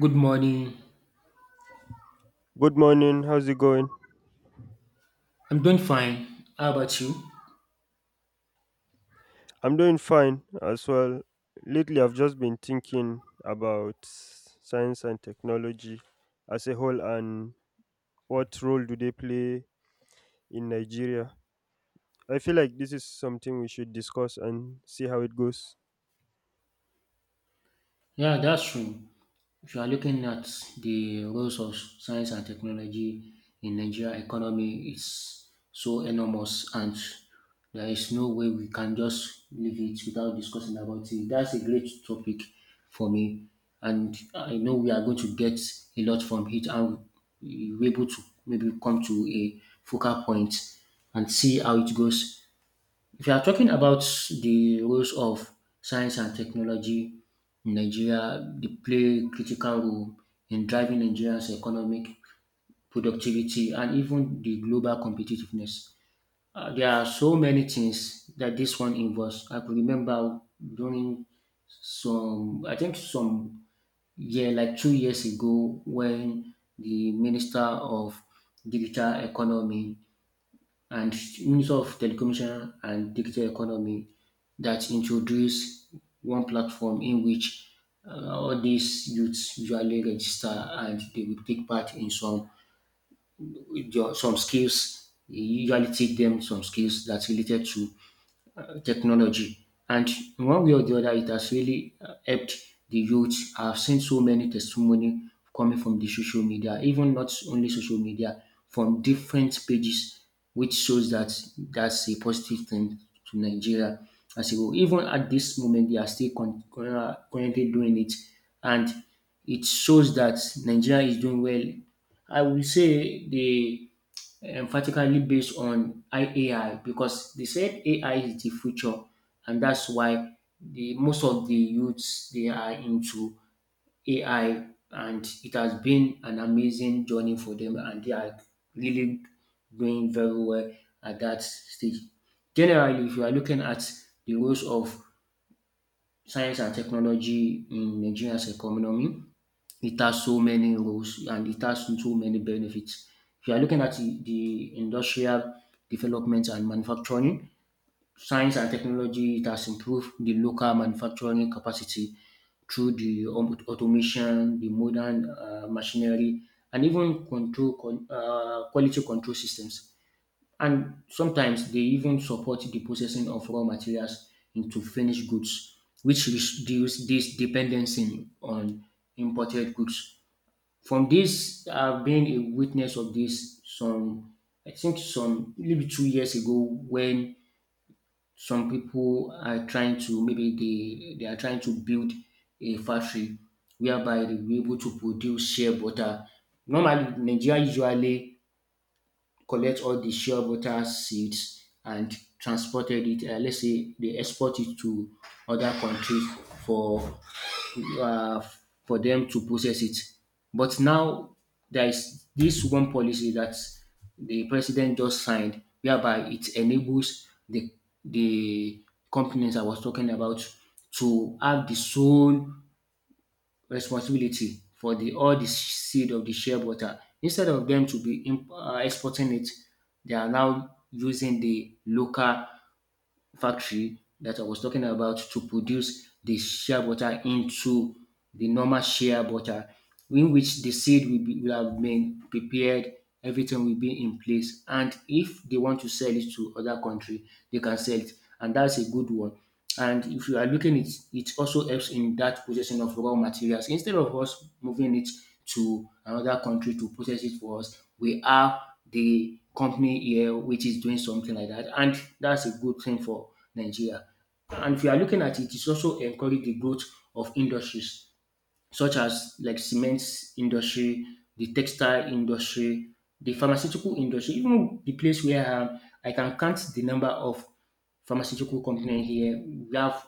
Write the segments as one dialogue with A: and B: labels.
A: Good morning.
B: Good morning. How's it going?
A: I'm doing fine. How about you?
B: I'm doing fine as well. Lately, I've just been thinking about science and technology as a whole and what role do they play in Nigeria. I feel like this is something we should discuss and see how it goes.
A: Yeah, that's true. If you are looking at the roles of science and technology in Nigeria economy, it's so enormous, and there is no way we can just leave it without discussing about it. That's a great topic for me, and I know we are going to get a lot from it, and we're able to maybe come to a focal point and see how it goes. If you are talking about the roles of science and technology in Nigeria, they play a critical role in driving Nigeria's economic productivity and even the global competitiveness. There are so many things that this one involves. I could remember during some, I think some year, like 2 years ago, when the Minister of Digital Economy and use of telecommunication and digital economy that introduce one platform in which all these youths usually register and they will take part in some skills. You usually teach them some skills that's related to technology. And in one way or the other, it has really helped the youth. I've seen so many testimony coming from the social media, even not only social media, from different pages, which shows that that's a positive thing to Nigeria as a whole. Even at this moment, they are still currently doing it, and it shows that Nigeria is doing well. I will say the emphatically based on AI because they said AI is the future, and that's why the most of the youths they are into AI, and it has been an amazing journey for them, and they are really doing very well at that stage. Generally, if you are looking at the roles of science and technology in Nigeria's economy, it has so many roles and it has so many benefits. If you are looking at the industrial development and manufacturing, science and technology, it has improved the local manufacturing capacity through the automation, the modern machinery, and even quality control systems. And sometimes they even support the processing of raw materials into finished goods, which reduce this dependency on imported goods. From dis being a witness of dis some I think some maybe 2 years ago when some pipu are trying to maybe dey they are trying to build a factory whereby dey will be able to produce shea butter. Normally Nigeria usually collect all de shea butter seeds and transported it let's say dey export it to other countries for uh, for them to process it. But now there is this one policy that the president just signed, whereby it enables the companies I was talking about to have the sole responsibility for the all the seed of the shea butter. Instead of them to be exporting it, they are now using the local factory that I was talking about to produce the shea butter into the normal shea butter, in which the seed will, be, will have been prepared, everything will be in place. And if they want to sell it to other country, they can sell it. And that's a good one. And if you are looking it, it also helps in that processing of raw materials. Instead of us moving it to another country to process it for us, we have the company here which is doing something like that. And that's a good thing for Nigeria. And if you are looking at it, it's also encourage the growth of industries such as like cement industry, the textile industry, the pharmaceutical industry, even the place where I am, I can count the number of pharmaceutical company here. We have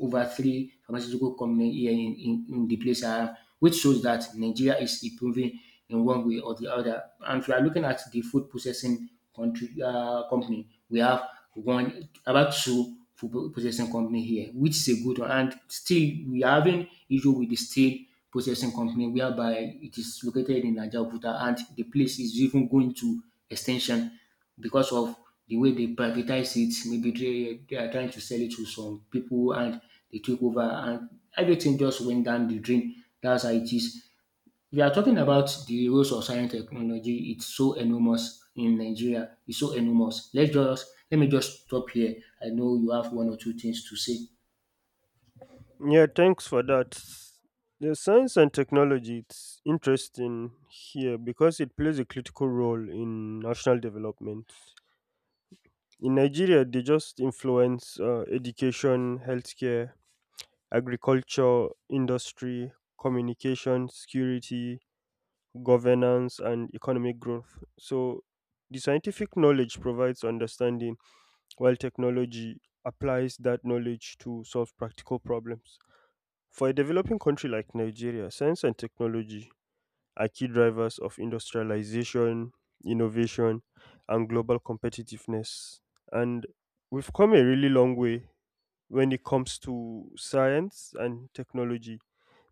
A: over three pharmaceutical company here in the place I am, which shows that Nigeria is improving in one way or the other. And if you are looking at the food processing country company, we have one about two for possessing company here, which is a good one. And still, we are having issue with the steel processing company, whereby it is located in Ajaokuta, and the place is even going to extension because of the way they privatize it. Maybe they are trying to sell it to some people, and they took over, and everything just went down the drain. That's how it is. We are talking about the roles of science technology. It's so enormous in Nigeria. It's so enormous. Let me just stop here. I know you have one or two things to say.
B: Yeah, thanks for that. The science and technology it's interesting here because it plays a critical role in national development. In Nigeria, they just influence education, healthcare, agriculture, industry, communication, security, governance, and economic growth. So, the scientific knowledge provides understanding, while technology applies that knowledge to solve practical problems. For a developing country like Nigeria, science and technology are key drivers of industrialization, innovation, and global competitiveness. And we've come a really long way when it comes to science and technology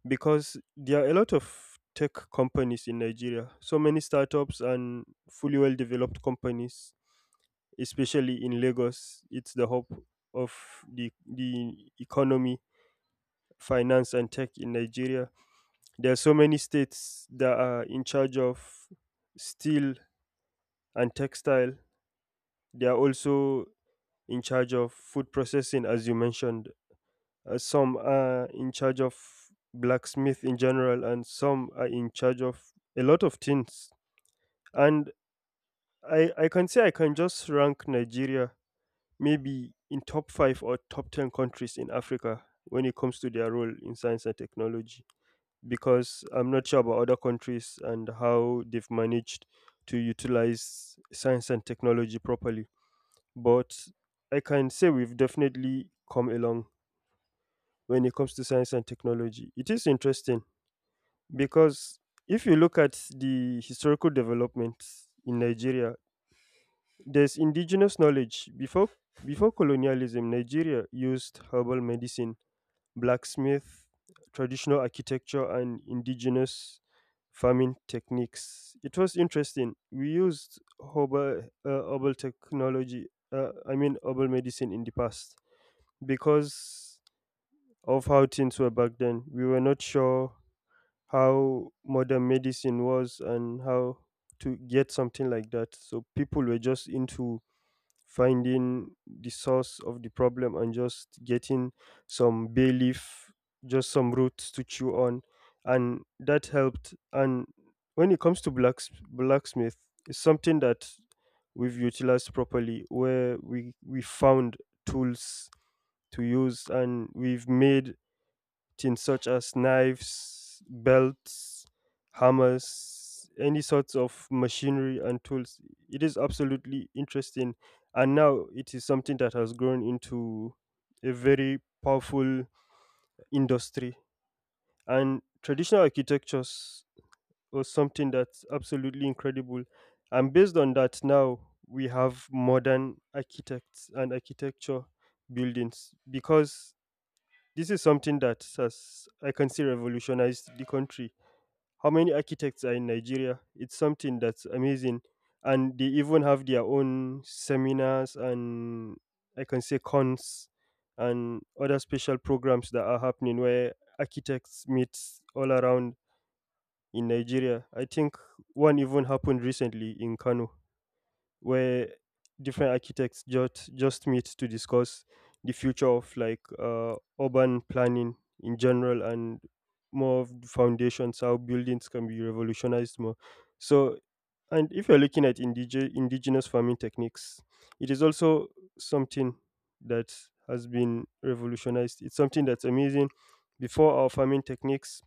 B: because there are a lot of tech companies in Nigeria. So many startups and fully well developed companies, especially in Lagos. It's the hub of the economy, finance, and tech in Nigeria. There are so many states that are in charge of steel and textile. They are also in charge of food processing, as you mentioned. Some are in charge of blacksmith in general, and some are in charge of a lot of things. And I can say I can just rank Nigeria maybe in top five or top 10 countries in Africa when it comes to their role in science and technology because I'm not sure about other countries and how they've managed to utilize science and technology properly. But I can say we've definitely come along when it comes to science and technology. It is interesting because if you look at the historical developments in Nigeria, there's indigenous knowledge. Before colonialism, Nigeria used herbal medicine, blacksmith, traditional architecture, and indigenous farming techniques. It was interesting. We used herbal technology. I mean herbal medicine in the past because of how things were back then. We were not sure how modern medicine was and how to get something like that. So people were just into finding the source of the problem and just getting some bay leaf, just some roots to chew on, and that helped. And when it comes to blacksmith, it's something that we've utilized properly, where we found tools to use and we've made things such as knives, belts, hammers, any sorts of machinery and tools. It is absolutely interesting. And now it is something that has grown into a very powerful industry. And traditional architectures was something that's absolutely incredible. And based on that, now we have modern architects and architecture buildings because this is something that has, I can see, revolutionized the country. How many architects are in Nigeria? It's something that's amazing. And they even have their own seminars and I can say cons and other special programs that are happening where architects meet all around in Nigeria. I think one even happened recently in Kano where different architects just meet to discuss the future of like urban planning in general and more of the foundations how buildings can be revolutionized more so. And if you're looking at indigenous farming techniques, it is also something that has been revolutionized. It's something that's amazing. Before our farming techniques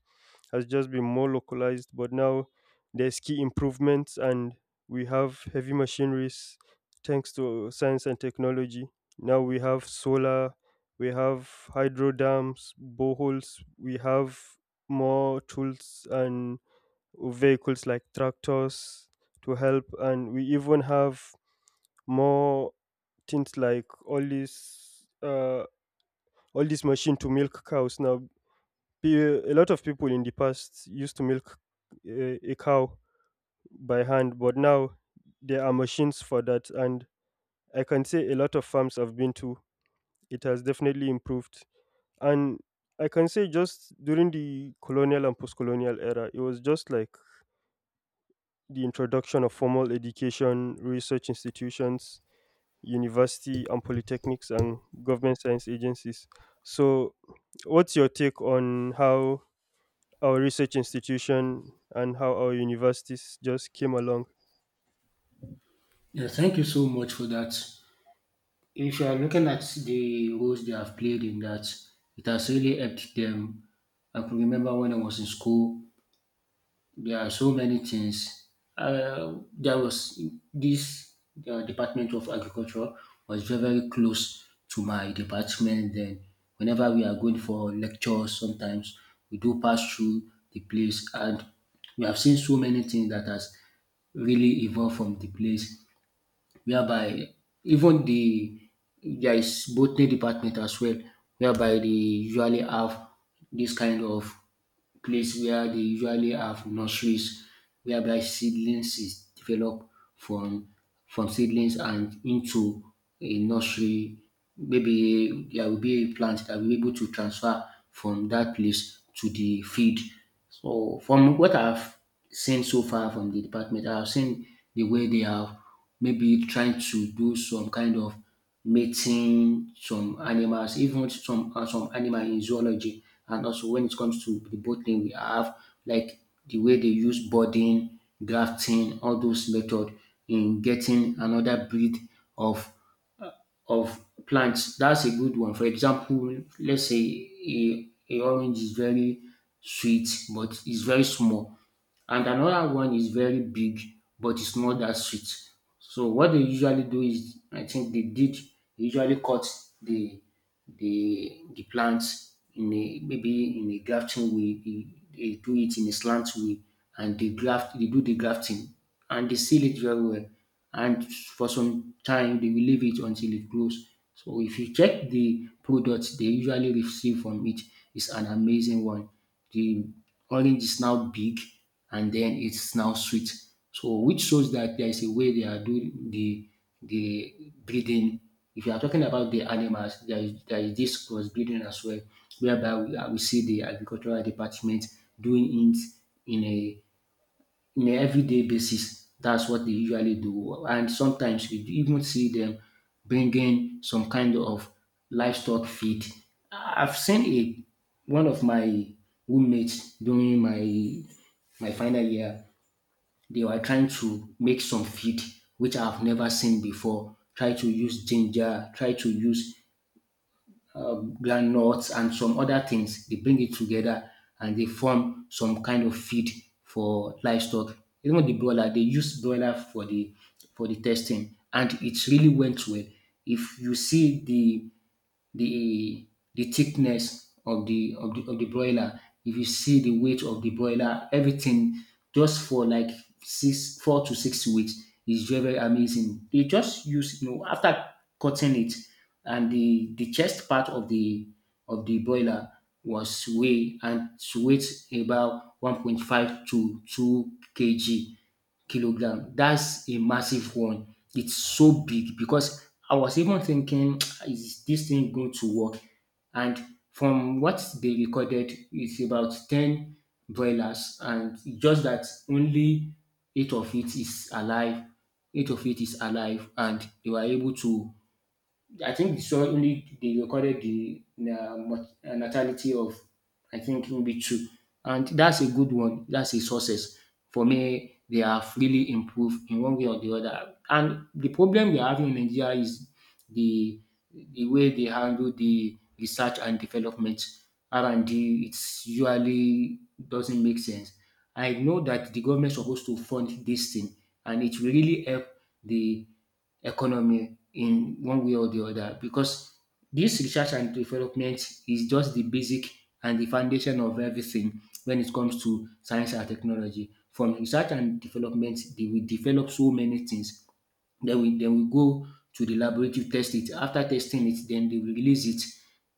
B: has just been more localized. But now there's key improvements, and we have heavy machineries thanks to science and technology. Now we have solar, we have hydro dams, boreholes, we have more tools and vehicles like tractors to help, and we even have more things like all this machine to milk cows now. A lot of people in the past used to milk a cow by hand, but now there are machines for that. And I can say a lot of farms I've been to, it has definitely improved. And I can say just during the colonial and post colonial era, it was just like the introduction of formal education, research institutions, university and polytechnics, and government science agencies. So, what's your take on how our research institution and how our universities just came along.
A: Yeah, thank you so much for that. If you are looking at the roles they have played in that, it has really helped them. I can remember when I was in school, there are so many things. There was this Department of Agriculture was very, very close to my department. Then, whenever we are going for lectures, sometimes we do pass through the place, and we have seen so many things that has really evolved from the place, whereby even the there is botany department as well, whereby they usually have this kind of place where they usually have nurseries whereby seedlings is developed from seedlings and into a nursery. Maybe there will be a plant that will be able to transfer from that place to the field. So from what I've seen so far from the department, I've seen the way they have maybe trying to do some kind of mating some animals, even some animal in zoology. And also when it comes to the botany, we have like the way they use budding, grafting, all those method in getting another breed of plants. That's a good one. For example, let's say a orange is very sweet but it's very small, and another one is very big but it's not that sweet. So what they usually do is, I think they did usually cut the the plants in a maybe in a grafting way. They do it in a slant way, and they graft. They do the grafting, and they seal it very well. And for some time, they will leave it until it grows. So if you check the products they usually receive from it, it's an amazing one. The orange is now big and then it's now sweet. So which shows that there is a way they are doing the breeding. If you are talking about the animals, there is this cross breeding as well, whereby we see the agricultural department doing it in a in a everyday basis. That's what they usually do. And sometimes we even see them bringing some kind of livestock feed. I've seen a one of my roommates during my final year. They were trying to make some feed which I've never seen before. Try to use ginger. Try to use groundnuts and some other things. They bring it together and they form some kind of feed for livestock. Even the broiler, they use broiler for the testing, and it really went well. If you see the the thickness of the of the of the broiler. If you see the weight of the broiler, everything just for like 6 4 to 6 weeks is very very amazing. They just use after cutting it and the chest part of the broiler was weigh and weight about 1.5 to 2 kg kilogram. That's a massive one. It's so big because I was even thinking, is this thing going to work? And from what they recorded, it's about 10 broilers, and just that only 8 of it is alive. 8 of it is alive, and they were able to I think they saw only they recorded the natality of I think maybe two, and that's a good one. That's a success for me. They have really improved in one way or the other. And the problem we are having in Nigeria is the the way they handle the research and development R&D. It's usually doesn't make sense. I know that the government supposed to fund this thing, and it will really help the economy in one way or the other because this research and development is just the basic and the foundation of everything when it comes to science and technology. From research and development, they will develop so many things. Then we go to the laboratory test it. After testing it, then they will release it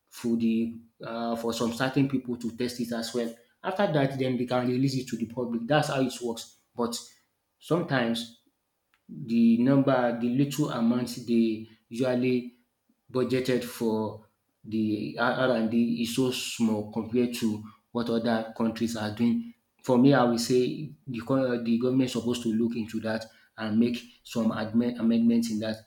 A: for the for some certain people to test it as well. After that, then they can release it to the public. That's how it works. But sometimes the number, the little amount they usually budgeted for the R&D is so small compared to what other countries are doing. For me, I will say the government suppose to look into that and make some amendments in that.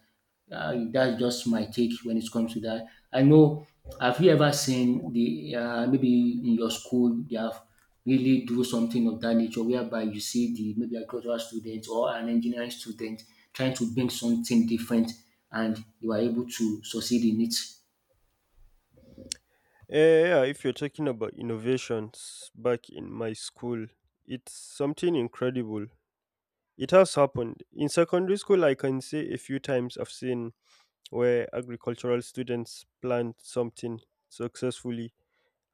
A: That's just my take when it comes to that. I know. Have you ever seen the maybe in your school they have really do something of that nature whereby you see the maybe agricultural student or an engineering student trying to bring something different and you are able to succeed in it?
B: Yeah, if you're talking about innovations back in my school, it's something incredible. It has happened. In secondary school, I can say a few times I've seen where agricultural students plant something successfully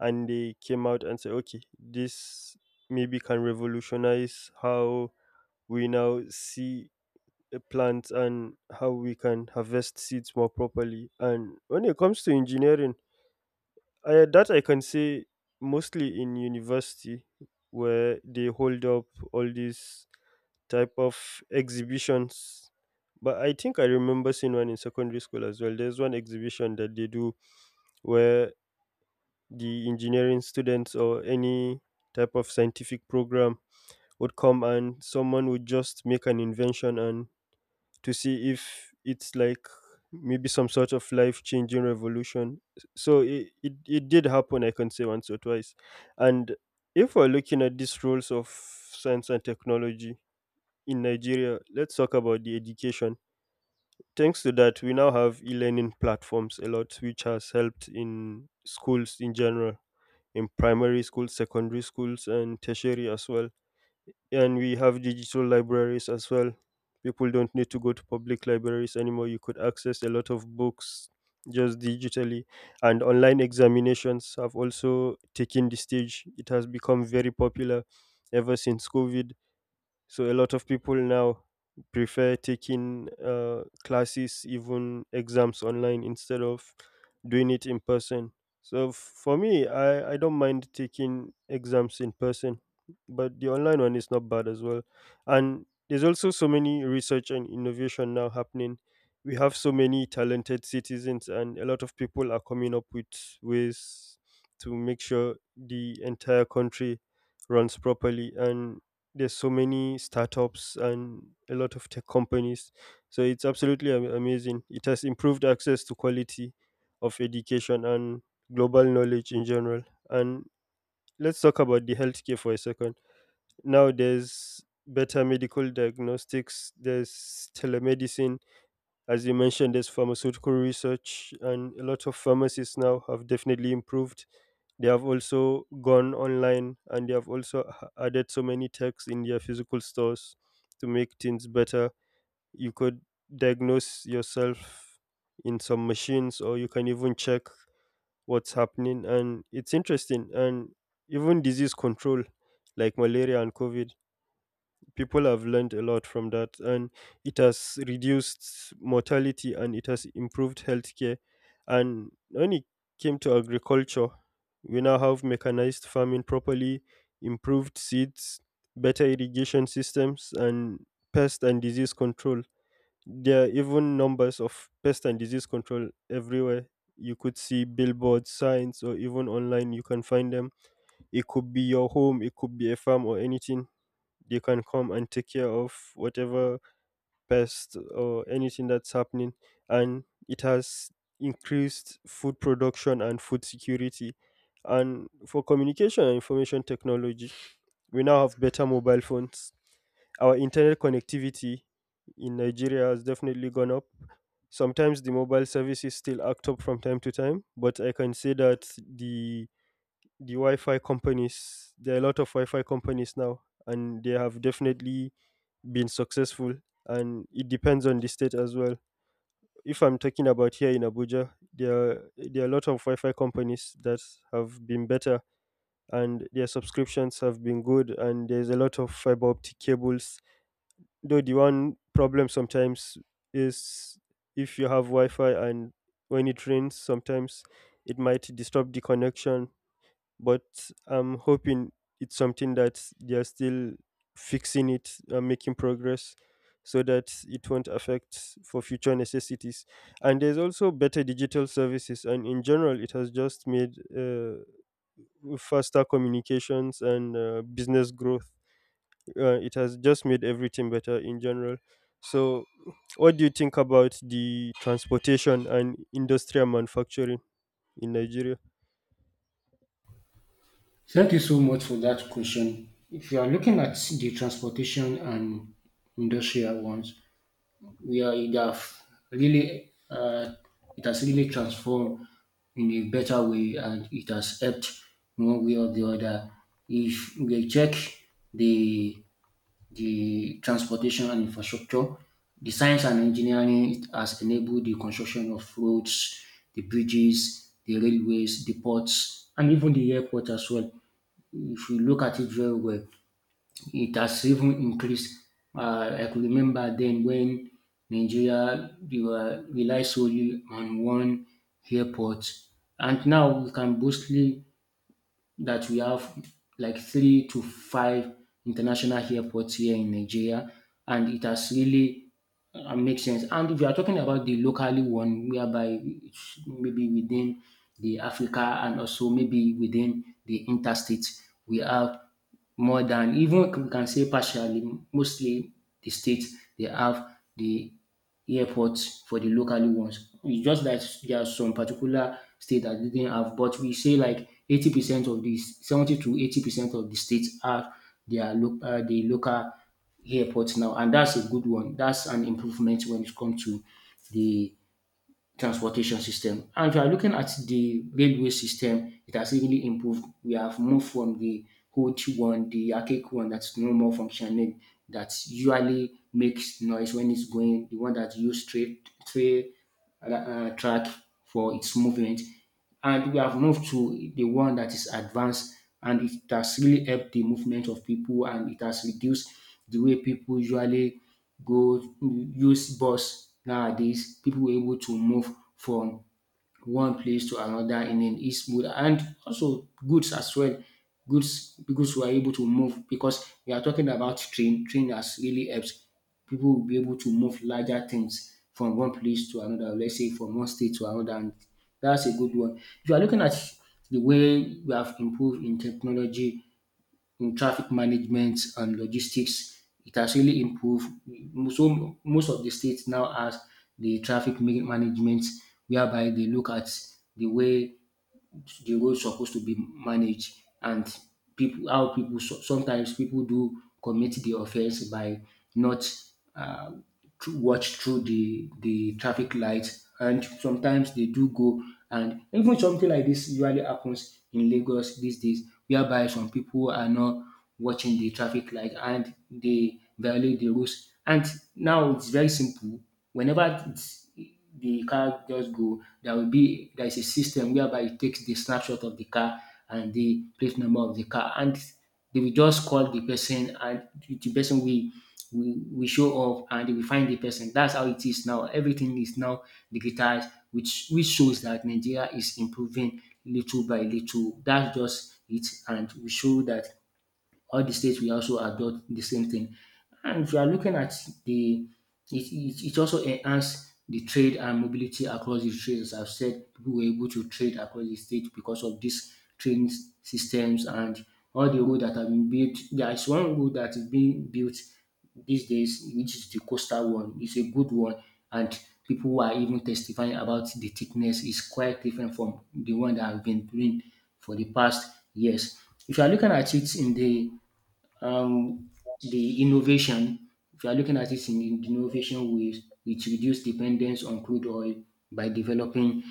B: and they came out and say, okay, this maybe can revolutionize how we now see plants and how we can harvest seeds more properly. And when it comes to engineering, that I can say mostly in university where they hold up all these type of exhibitions. But I think I remember seeing one in secondary school as well. There's one exhibition that they do where the engineering students or any type of scientific program would come and someone would just make an invention and to see if it's like maybe some sort of life changing revolution. So it did happen, I can say once or twice. And if we're looking at these roles of science and technology in Nigeria, let's talk about the education. Thanks to that, we now have e learning platforms a lot, which has helped in schools in general, in primary schools, secondary schools, and tertiary as well. And we have digital libraries as well. People don't need to go to public libraries anymore. You could access a lot of books just digitally. And online examinations have also taken the stage. It has become very popular ever since covid. So a lot of people now prefer taking classes, even exams online instead of doing it in person. So for me, I don't mind taking exams in person, but the online one is not bad as well. And there's also so many research and innovation now happening. We have so many talented citizens, and a lot of people are coming up with ways to make sure the entire country runs properly. And there's so many startups and a lot of tech companies, so it's absolutely amazing. It has improved access to quality of education and global knowledge in general. And let's talk about the healthcare for a second. Now there's better medical diagnostics, there's telemedicine, as you mentioned, there's pharmaceutical research, and a lot of pharmacies now have definitely improved. They have also gone online and they have also added so many techs in their physical stores to make things better. You could diagnose yourself in some machines, or you can even check what's happening. And it's interesting. And even disease control, like malaria and COVID, people have learned a lot from that and it has reduced mortality and it has improved healthcare. And when it came to agriculture, we now have mechanized farming properly, improved seeds, better irrigation systems, and pest and disease control. There are even numbers of pest and disease control everywhere. You could see billboards signs or even online you can find them. It could be your home, it could be a farm or anything. They can come and take care of whatever pest or anything that's happening. And it has increased food production and food security. And for communication and information technology, we now have better mobile phones. Our internet connectivity in Nigeria has definitely gone up. Sometimes the mobile services still act up from time to time, but I can say that the the Wi-Fi companies. There are a lot of Wi-Fi companies now, and they have definitely been successful. And it depends on the state as well. If I'm talking about here in Abuja, there are a lot of Wi-Fi companies that have been better, and their subscriptions have been good. And there's a lot of fiber optic cables. Though the one problem sometimes is if you have Wi-Fi and when it rains, sometimes it might disturb the connection, but I'm hoping it's something that they are still fixing it and making progress so that it won't affect for future necessities. And there's also better digital services, and in general, it has just made faster communications and business growth. It has just made everything better in general. So, what do you think about the transportation and industrial manufacturing in Nigeria?
A: Thank you so much for that question. If you are looking at the transportation and industrial ones, we are it have really it has really transformed in a better way, and it has helped in one way or the other. If we check the the transportation and infrastructure, the science and engineering has enabled the construction of roads, the bridges, the railways, the ports, and even the airport as well. If you look at it very well, it has even increased. I could remember then when Nigeria we were rely solely on one airport, and now we can boastly that we have like three to five international airports here in Nigeria, and it has really makes sense. And if you are talking about the locally one, whereby it's maybe within the Africa and also maybe within the interstate, we have more than even we can say partially, mostly the states they have the airports for the locally ones. It's just that there are some particular state that didn't have, but we say like 80% of this, 70 to 80% of the states have the local airports now, and that's a good one. That's an improvement when it comes to the transportation system. And if you are looking at the railway system, it has really improved. We have moved from the old one, the archaic one that's no more functioning, that usually makes noise when it's going, the one that use straight, tray track for its movement. And we have moved to the one that is advanced, and it has really helped the movement of people, and it has reduced the way people usually go use bus nowadays. People were able to move from one place to another in an is good, and also goods as well. Goods because we are able to move because we are talking about train. Train has really helped people will be able to move larger things from one place to another. Let's say from one state to another, and that's a good one. If you are looking at the way we have improved in technology, in traffic management and logistics, it has really improved. So most of the states now has the traffic management, whereby they look at the way the road supposed to be managed, and people how people so- sometimes people do commit the offense by not uh, to watch through the traffic lights, and sometimes they do go. And even something like this usually happens in Lagos these days whereby some people are not watching the traffic light and they violate the rules, and now it's very simple. Whenever it's the car just go, there will be there is a system whereby it takes the snapshot of the car and the plate number of the car, and they will just call the person, and the person will we show up and they will find the person. That's how it is now. Everything is now digitized, which shows that Nigeria is improving little by little. That's just it, and we show that all the states will also adopt the same thing. And if you are looking at the it also enhance the trade and mobility across the states. I've said people were able to trade across the state because of these train systems and all the road that have been built. There is one road that is being built these days, which is the coastal one. It's a good one, and people who are even testifying about the thickness is quite different from the one that have been doing for the past years. If you are looking at it in um, the innovation, if you are looking at it in the innovation ways, it reduce dependence on crude oil by developing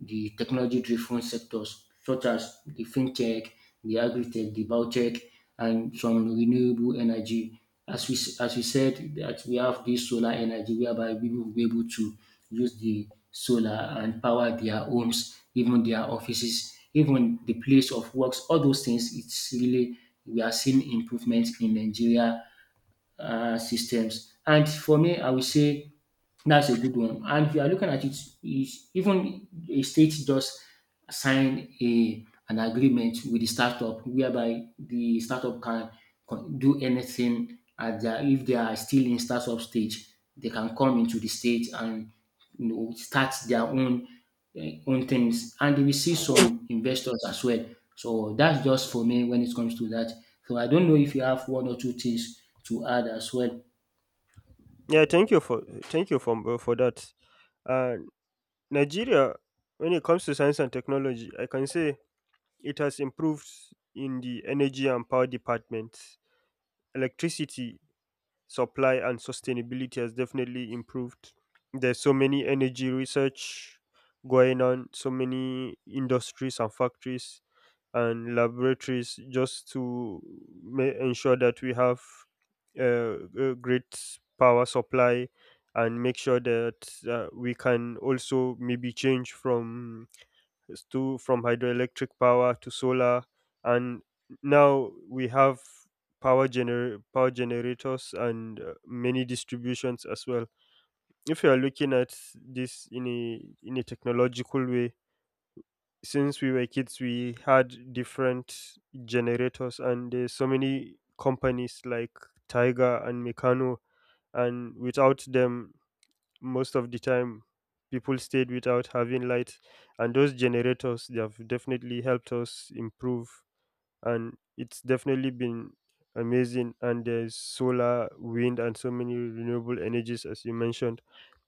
A: the technology-driven sectors such as the fintech, the agri-tech, the biotech, and some renewable energy. As we said, that we have this solar energy whereby people will be able to use the solar and power their homes, even their offices, even the place of works, all those things. It's really we are seeing improvement in Nigeria systems. And for me, I would say that's a good one. And if you are looking at it, is even a state just sign a an agreement with the startup whereby the startup can do anything at their, if they are still in startup stage, they can come into the state and start their own things, and they will see some investors as well. So that's just for me when it comes to that. So I don't know if you have one or two things to add as well.
B: Yeah, thank you for that. Uh, Nigeria, when it comes to science and technology, I can say it has improved in the energy and power departments. Electricity supply and sustainability has definitely improved. There's so many energy research going on, so many industries and factories and laboratories just to ensure that we have uh, a great power supply, and make sure that we can also maybe change from s- to from hydroelectric power to solar. And now we have power generators and many distributions as well. If you are looking at this in a technological way, since we were kids we had different generators and there's so many companies like tiger and meccano, and without them most of the time people stayed without having light, and those generators they have definitely helped us improve. And it's definitely been amazing. And there's solar, wind, and so many renewable energies as you mentioned.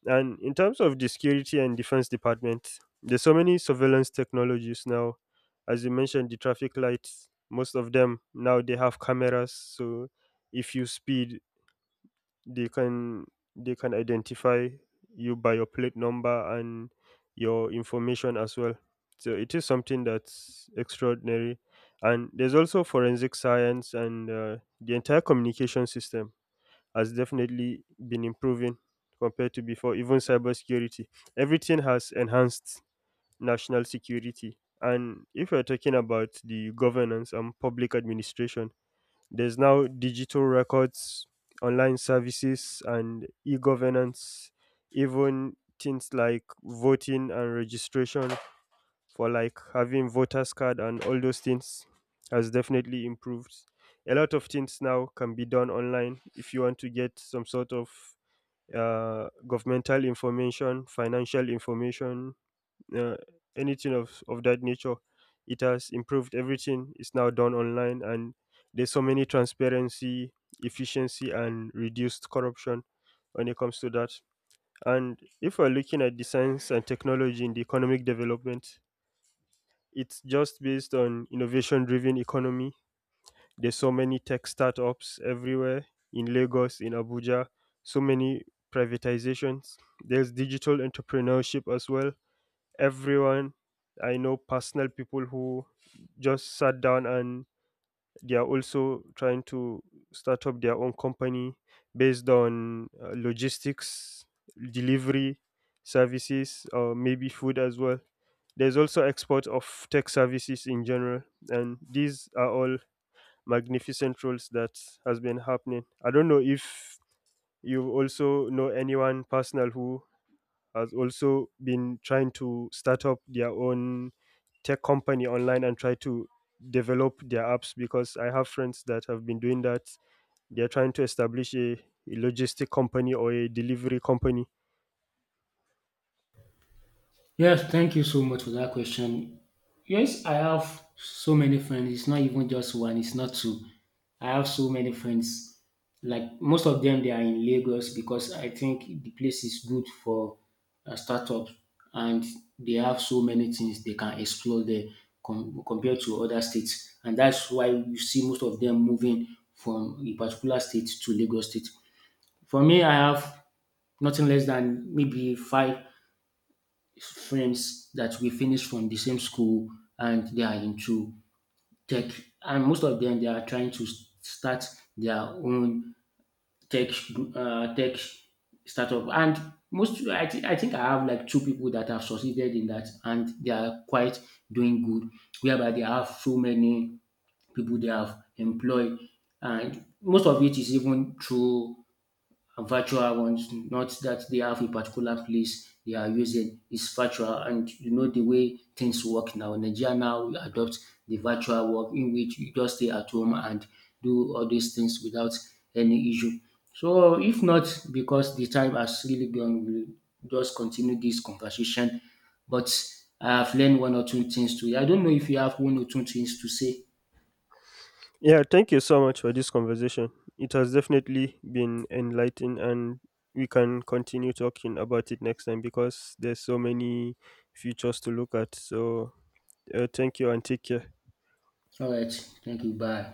B: And in terms of the security and defense department, there's so many surveillance technologies now. As you mentioned, the traffic lights, most of them now they have cameras, so if you speed, they can they can identify you by your plate number and your information as well. So it is something that's extraordinary. And there's also forensic science and the entire communication system has definitely been improving compared to before, even cybersecurity. Everything has enhanced national security. And if we are talking about the governance and public administration, there's now digital records, online services, and e governance, even things like voting and registration for like having voters card and all those things has definitely improved. A lot of things now can be done online. If you want to get some sort of governmental information, financial information, uh, anything of that nature, it has improved. Everything is now done online. And there's so many transparency, efficiency, and reduced corruption when it comes to that. And if we're looking at the science and technology in the economic development, it's just based on innovation driven economy. There's so many tech startups everywhere, in Lagos, in Abuja, so many privatizations. There's digital entrepreneurship as well. Everyone, I know personal people who just sat down and they are also trying to start up their own company based on logistics, delivery services, or maybe food as well. There's also export of tech services in general, and these are all magnificent roles that has been happening. I don't know if you also know anyone personal who has also been trying to start up their own tech company online and try to develop their apps because I have friends that have been doing that. They're trying to establish a logistic company or a delivery company.
A: Yes, thank you so much for that question. Yes, I have so many friends. It's not even just one, it's not two. I have so many friends. Like most of them, they are in Lagos because I think the place is good for a startup, and they have so many things they can explore there compared to other states. And that's why you see most of them moving from a particular state to Lagos state. For me, I have nothing less than maybe five friends that we finished from the same school, and they are into tech, and most of them they are trying to start their own tech tech startup, and I think I have like two people that have succeeded in that, and they are quite doing good whereby they have so many people they have employed. And most of it is even through and virtual ones, not that they have a particular place they are using. It's virtual, and you know the way things work now. Nigeria now adopt the virtual work in which you just stay at home and do all these things without any issue. So, if not because the time has really gone, we'll just continue this conversation. But I have learned one or two things to. I don't know if you have one or two things to say.
B: Yeah, thank you so much for this conversation. It has definitely been enlightening and we can continue talking about it next time because there's so many futures to look at. So, thank you and take care.
A: All right, thank you. Bye.